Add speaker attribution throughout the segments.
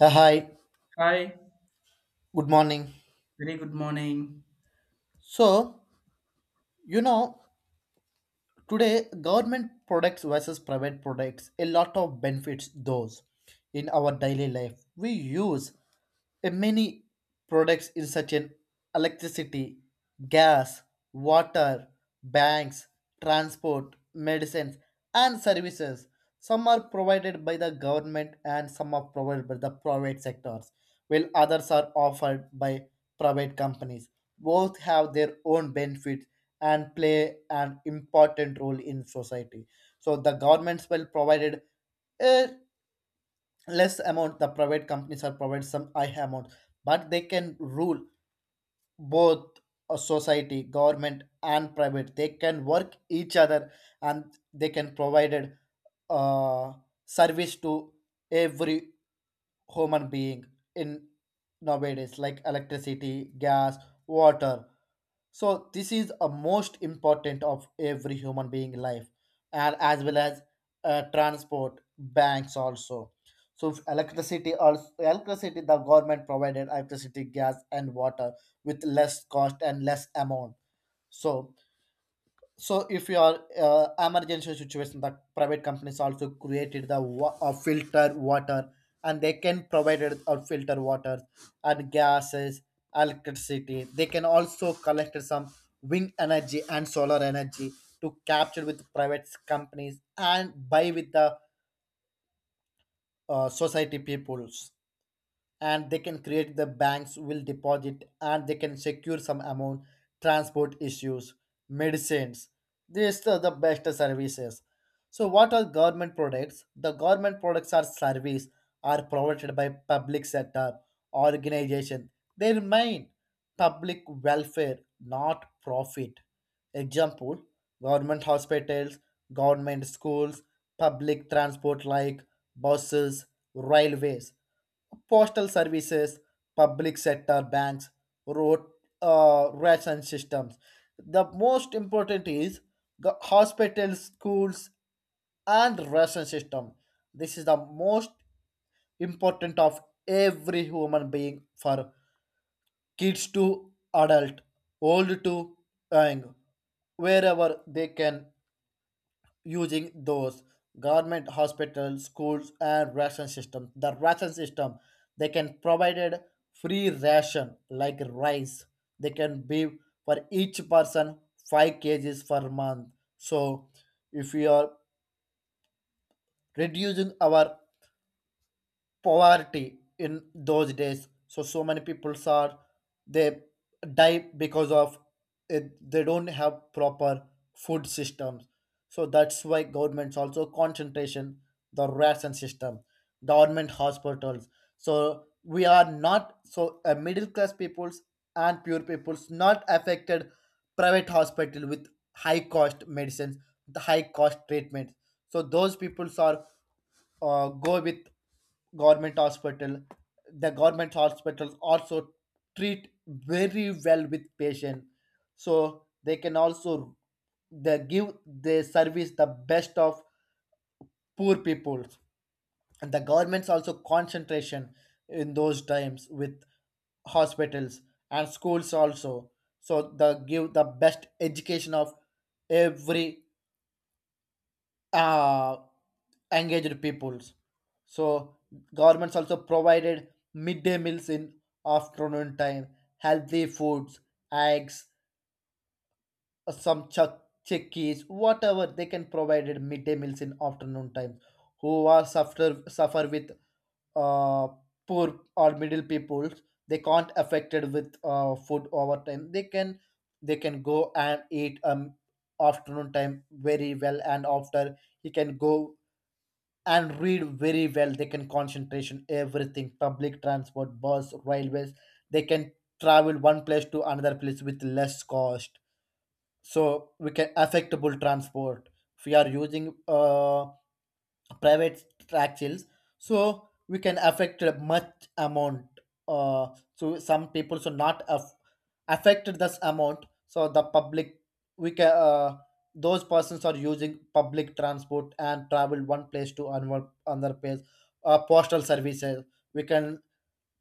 Speaker 1: Hi,
Speaker 2: Hi,
Speaker 1: good morning.
Speaker 2: very good morning.
Speaker 1: So, you know, today government products versus private products, a lot of benefits those in our daily life. We use. And many products in such an electricity, gas, water, banks, transport, medicines, and services. Some are provided by the government and some are provided by the private sectors, while others are offered by private companies. Both have their own benefits and play an important role in society. So the governments will provided a less amount, the private companies are provide some high amount, but they can rule both. A society, government and private, they can work each other, and they can provided uh, service to every human being in nowadays, like electricity, gas, water. So this is a most important of every human being life, and as well as transport, banks also. So if electricity, also electricity, the government provided electricity, gas, and water with less cost and less amount. So so if you are emergency situation, the private companies also created the filter water, and they can provide it or filter water and gases, electricity. They can also collect some wind energy and solar energy to capture with private companies and buy with the society peoples. And they can create the banks will deposit and they can secure some amount, transport issues, medicines. These are the best services. So what are government products? The government products are service, are provided by public sector organization. They remain public welfare, not profit. Example: government hospitals, government schools, public transport like buses, railways, postal services, public sector banks, road, ration systems. The most important is the hospitals, schools, and ration system. This is the most important of every human being, for kids to adult, old to young, wherever they can using those government hospitals, schools, and ration system. The ration system, they can provided free ration like rice. They can be for each person 5 kgs per month. So if we are reducing our poverty in those days. So many people are they die because of it, they don't have proper food systems. So that's why governments also concentration the ration system, government hospitals. So we are not so middle class peoples, and pure peoples not affected private hospital with high cost medicines, the high cost treatments. So those peoples are go with government hospital, the government hospitals also treat very well with patient, so they can also they give the service the best of poor people. And the government's also concentration in those times with hospitals and schools also, so the give the best education of every uh, engaged peoples. So governments also provided midday meals in afternoon time, healthy foods, eggs, some chickies, whatever they can provided midday meals in afternoon time. Who are suffer with uh, poor or middle peoples, they can't affected with food overtime. They can go and eat afternoon time very well, and after he can go and read very well, they can concentration everything, public transport, bus, railways, they can travel one place to another place with less cost. So we can affectable transport if we are using private taxis, so we can affect a much amount. uh, so some people so not affected this amount, so the public, we can those persons are using public transport and travel one place to another place. Postal services, we can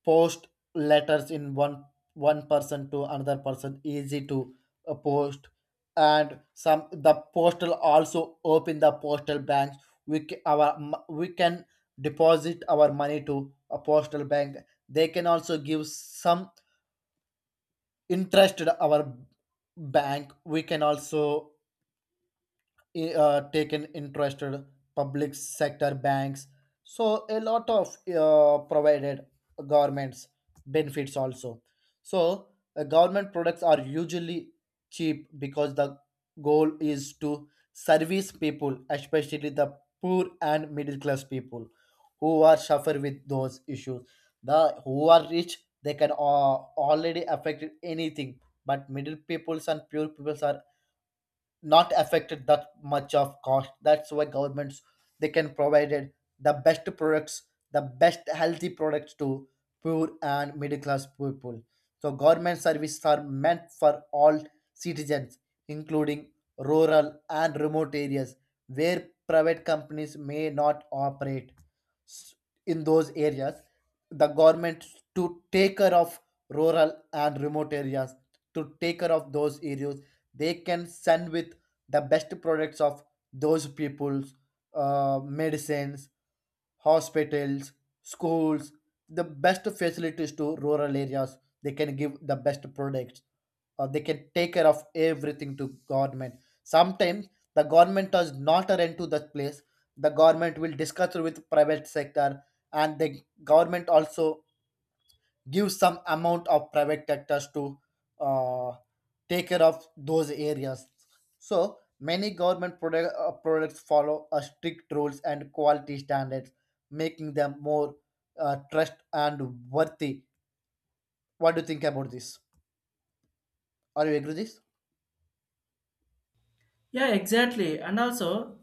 Speaker 1: post letters in one person to another person, easy to post. And some the postal also open the postal banks, we can deposit our money to a postal bank. They can also give some interest our bank, we can also taken interested public sector banks. So a lot of provided governments benefits also. So government products are usually cheap because the goal is to service people, especially the poor and middle class people who are suffer with those issues. The who are rich they can already affect anything, but middle peoples and poor peoples are not affected that much of cost. That's why governments they can provided the best products, the best healthy products to poor and middle class people. So government services are meant for all citizens, including rural and remote areas, where private companies may not operate. S- in those areas the government to take care of rural and remote areas, to take care of those areas, they can send with the best products of those people's medicines, hospitals, schools, the best facilities to rural areas. They can give the best products. They can take care of everything to government. Sometimes the government does not rent to that place. The government will discuss with private sector, and the government also give some amount of private sectors to uh, take care of those areas. So many government products follow a strict rules and quality standards, making them more trust and worthy. What do you think about this? Are you agree with this?
Speaker 2: Yeah, exactly. And also,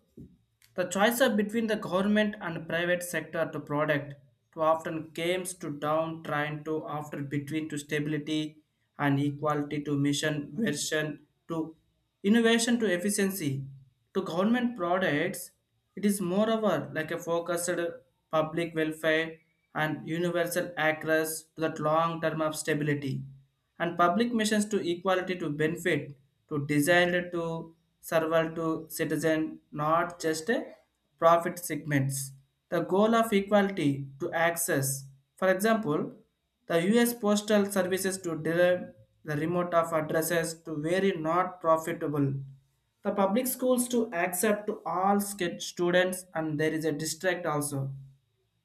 Speaker 2: the choice of between the government and private sector to product to often comes to down trying to after between to stability and equality to mission version to innovation to efficiency to government products. It is moreover like a focused public welfare and universal access to that long term of stability and public missions to equality to benefit to designed to serve to citizen, not just a profit segments. The goal of equality to access, for example, the U.S. Postal Services to deliver the remote of addresses to very not profitable, the public schools to accept to all students, and there is a district also.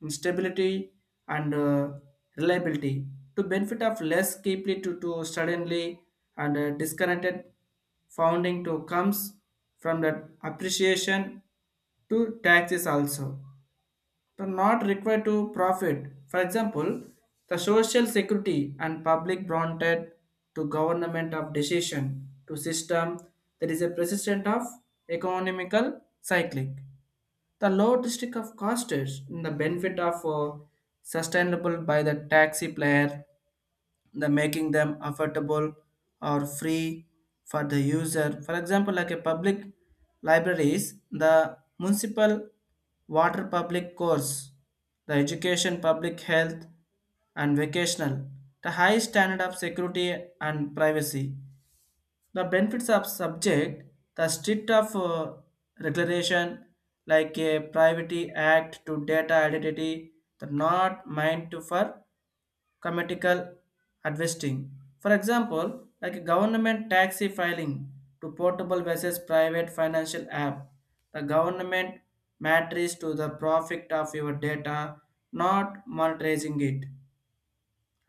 Speaker 2: Stability and reliability to benefit of less deeply to suddenly and disconnected founding to comes from the appreciation to taxes also are not required to profit. For example, the social security and public granted to government of decision to system that is a persistent of economical cyclic. The low district of costs in the benefit of sustainable by the taxi player, the making them affordable or free for the user. For example, like a public libraries, the municipal water public course, the education, public health, and vocational, the high standard of security and privacy, the benefits of subject, the strict of regulation like a privacy act to data identity, the not meant to for commercial investing. For example, like a government taxi filing to portable versus private financial app. The government matters to the profit of your data, not monetizing it.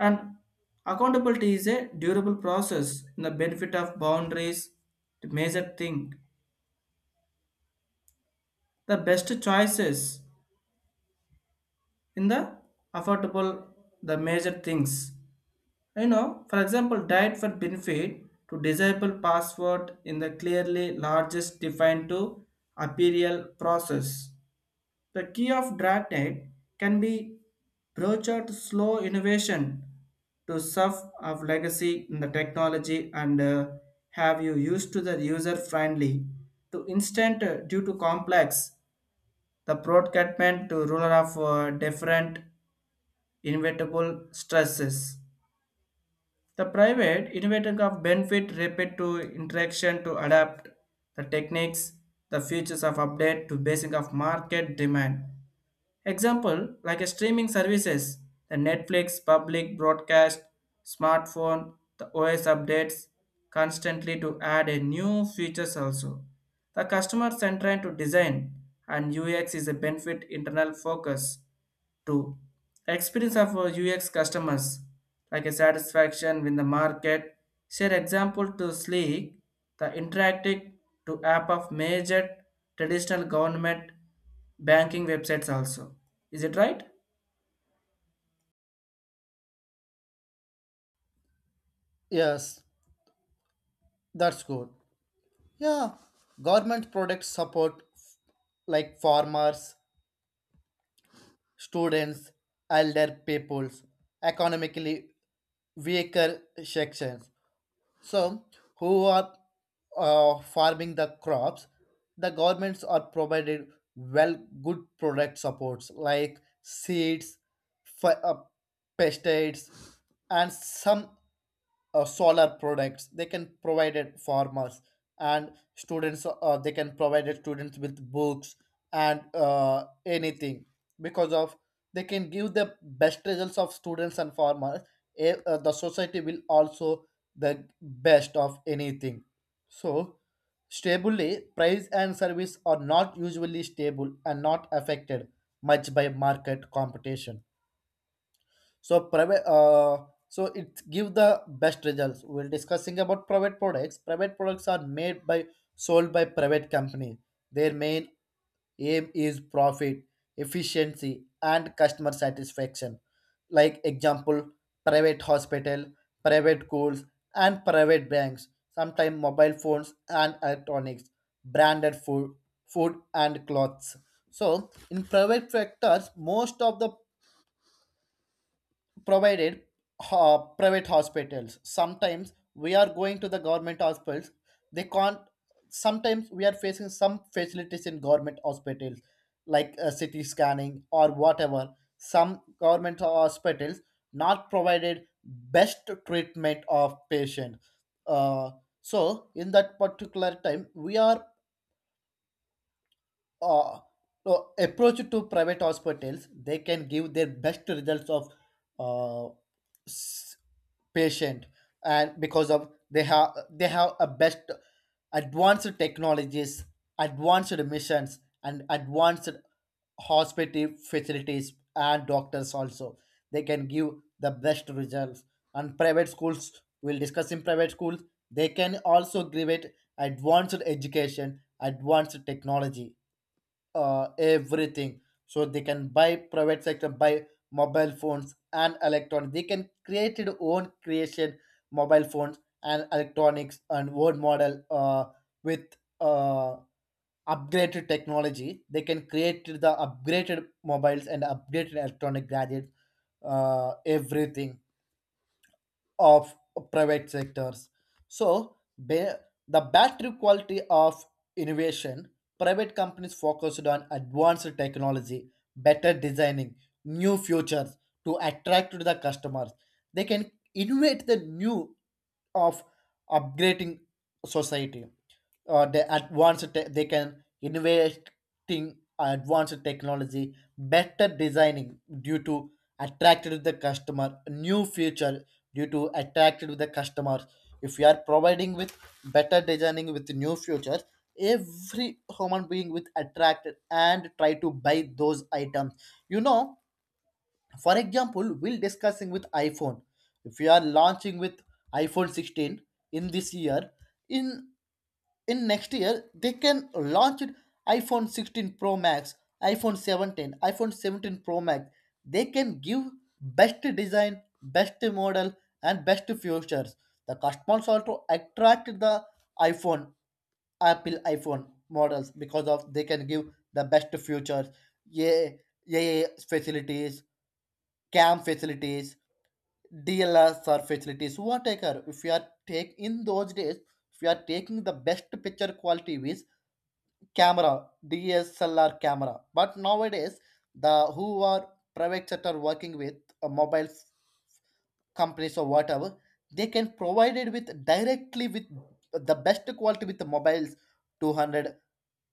Speaker 2: And accountability is a durable process in the benefit of boundaries to measure thing. The best choices in the affordable, the major things. You know, for example, diet for benefit to disable password in the clearly largest defined to appeal process. The key of Darknet can be broached slow innovation to serve of legacy in the technology, and have you used to the user friendly to instant due to complex, the broadcastment to ruler of different inevitable stresses. The private innovating of benefit rapid to interaction to adapt the techniques, the features of update to basing of market demand. Example, like a streaming services, the Netflix, public broadcast, smartphone, the OS updates constantly to add a new features also. The customer centered to design and UX is a benefit internal focus. Two, experience of UX customers, like a satisfaction with the market. Share example to Sleek, the interactive to app of major traditional government banking websites also. Is it right?
Speaker 1: Yes, that's good. Yeah, government products support like farmers, students, elder peoples, economically weaker sections. So, who are farming the crops? The governments are provided well good product supports like seeds, f- uh, pesticides, and some solar products, they can provide it farmers. And students, they can provide it students with books and anything because of they can give the best results of students and farmers. The society will also the best of anything. So stably price and service are not usually stable and not affected much by market competition. So private so it give the best results, we're discussing about private products, private products are made by sold by private company. Their main aim is profit, efficiency and customer satisfaction, like example private hospital, private schools, and private banks, sometimes mobile phones and electronics, branded food, food and clothes. So in private sectors most of the provided private hospitals. Sometimes we are going to the government hospitals. They can't. Sometimes we are facing some facilities in government hospitals, like CT scanning or whatever. Some government hospitals not provided best treatment of patient. Uh, so in that particular time, we are uh, no, approach to private hospitals, they can give their best results of uh, s- patient, and because of they have a best advanced technologies, advanced missions, and advanced hospital facilities and doctors also. They can give the best results. And private schools, we'll discuss in private schools, they can also give it advanced education, advanced technology, everything. So they can buy private sector, buy mobile phones and electronics, they can create their own creation, mobile phones and electronics and own model, with uh, upgraded technology. They can create the upgraded mobiles and upgraded electronic gadgets, everything of private sectors. So the battery quality of innovation, private companies focused on advanced technology, better designing, new futures to attract to the customers. They can innovate the new of upgrading society, or the advanced they can innovating advanced technology, better designing due to attracted to the customer, new feature due to attracted to the customer. If we are providing with better designing with new features, every human being with attracted and try to buy those items you know for example, we'll discussing with iPhone. If we are launching with iPhone 16 in this year, in in next year they can launch it iPhone 16 pro max, iPhone 17, iPhone 17 pro max. They can give best design, best model, and best features. The customers also attract the iPhone, Apple iPhone models because of they can give the best features. Yeah, yeah, facilities, cam facilities, DLSR facilities, whatever if you are take in those days. If you are taking the best picture quality with camera, DSLR camera, but nowadays the who are private sector working with mobile companies or whatever, they can provide it with directly with the best quality with the mobiles 200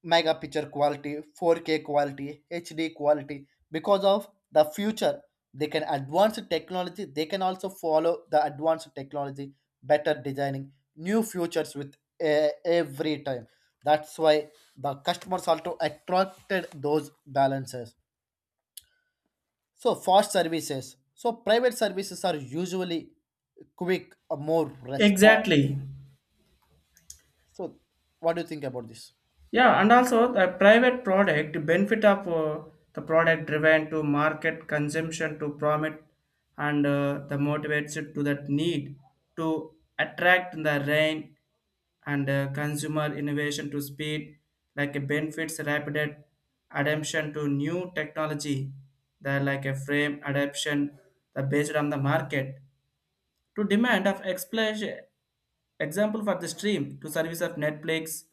Speaker 1: mega picture quality, 4K quality, HD quality. Because of the future, they can advance the technology. They can also follow the advanced technology, better designing new futures with every time. That's why the customers also attracted those balances. So fast services. So private services are usually quick, more response.
Speaker 2: Exactly.
Speaker 1: So what do you think about this?
Speaker 2: Yeah, and also the private product benefit of the product driven to market consumption to promote and the motivates it to that need to attract the rain and consumer innovation to speed, like a benefits rapid adaptation to new technology that like a frame adaptation the based on the market to demand of explanation. Example for the stream to service of Netflix,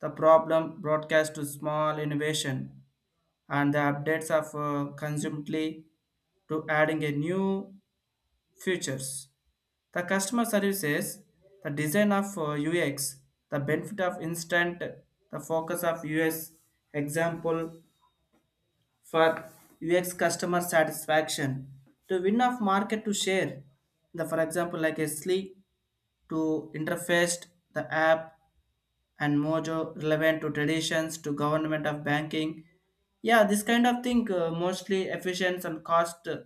Speaker 2: the problem broadcast to small innovation, and the updates of consumedly to adding a new features. The customer services, the design of UX, the benefit of instant, the focus of US example for UX customer satisfaction to win of market to share. The for example like a sleek to interface the app and mojo relevant to traditions to government of banking. Yeah, this kind of thing mostly efficient and cost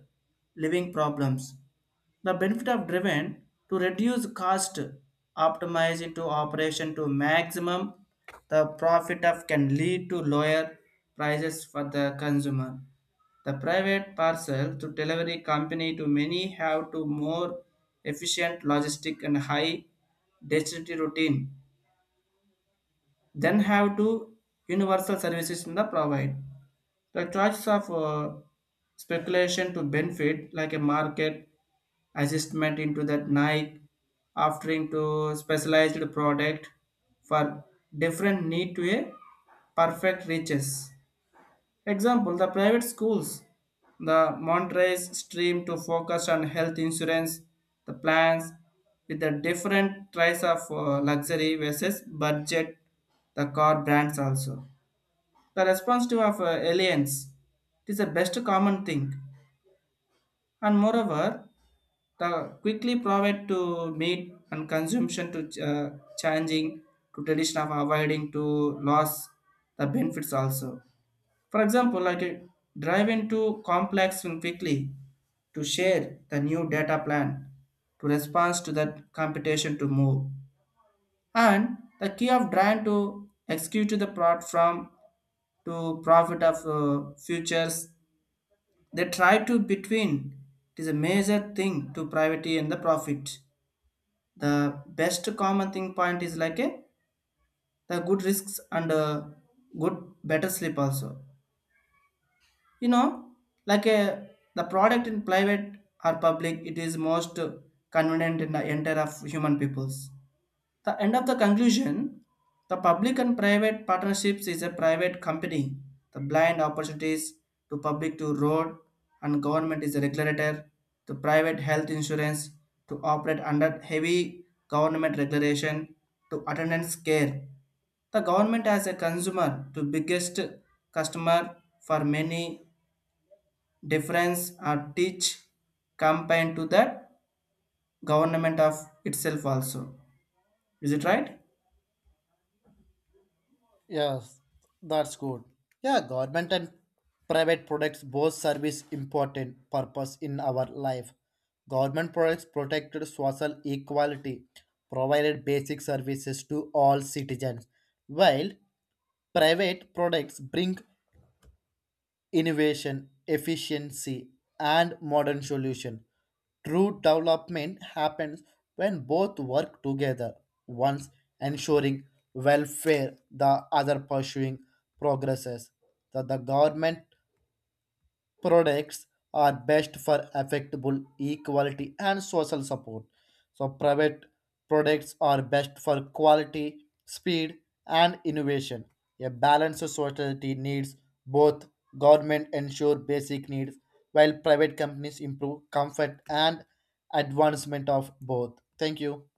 Speaker 2: living problems, the benefit of driven to reduce cost, optimize into operation to maximum the profit of can lead to lower prices for the consumer. The private parcel to delivery company to many have to more efficient logistic and high density routine, then have to universal services in the provide the choice of speculation to benefit like a market assessment into that nike offering to specialized product for different need to a perfect reaches. Example, the private schools, the Montrese stream to focus on health insurance, the plans with the different price of luxury versus budget, the car brands also. The response to of aliens, it is the best common thing, and moreover, the quickly provide to meat and consumption to changing to tradition of avoiding to loss, the benefits also. For example, like drive into complex and quickly to share the new data plan to response to that computation to move, and the key of trying to execute the plot from to profit of futures, they try to between. It is a major thing to privacy and the profit. The best common thing point is like a the good risks and good better sleep also. You know, like a the product in private or public, it is most convenient in the entire of human peoples. The end of the conclusion, the public and private partnerships is a private company. The blind opportunities to public to road, and government is a regulator. The private health insurance to operate under heavy government regulation to attendance care. The government as a consumer to biggest customer for many difference or teach campaign to the government of itself also. Is it right?
Speaker 1: Yes, that's good. Yeah, government and private products both service important purpose in our life. Government products protected social equality, provided basic services to all citizens, while private products bring innovation, efficiency, and modern solution. True development happens when both work together, once ensuring welfare, the other pursuing progresses. The government products are best for affectable equality and social support. So private products are best for quality, speed, and innovation. A balanced society needs both, government ensure basic needs while private companies improve comfort and advancement of both. Thank you.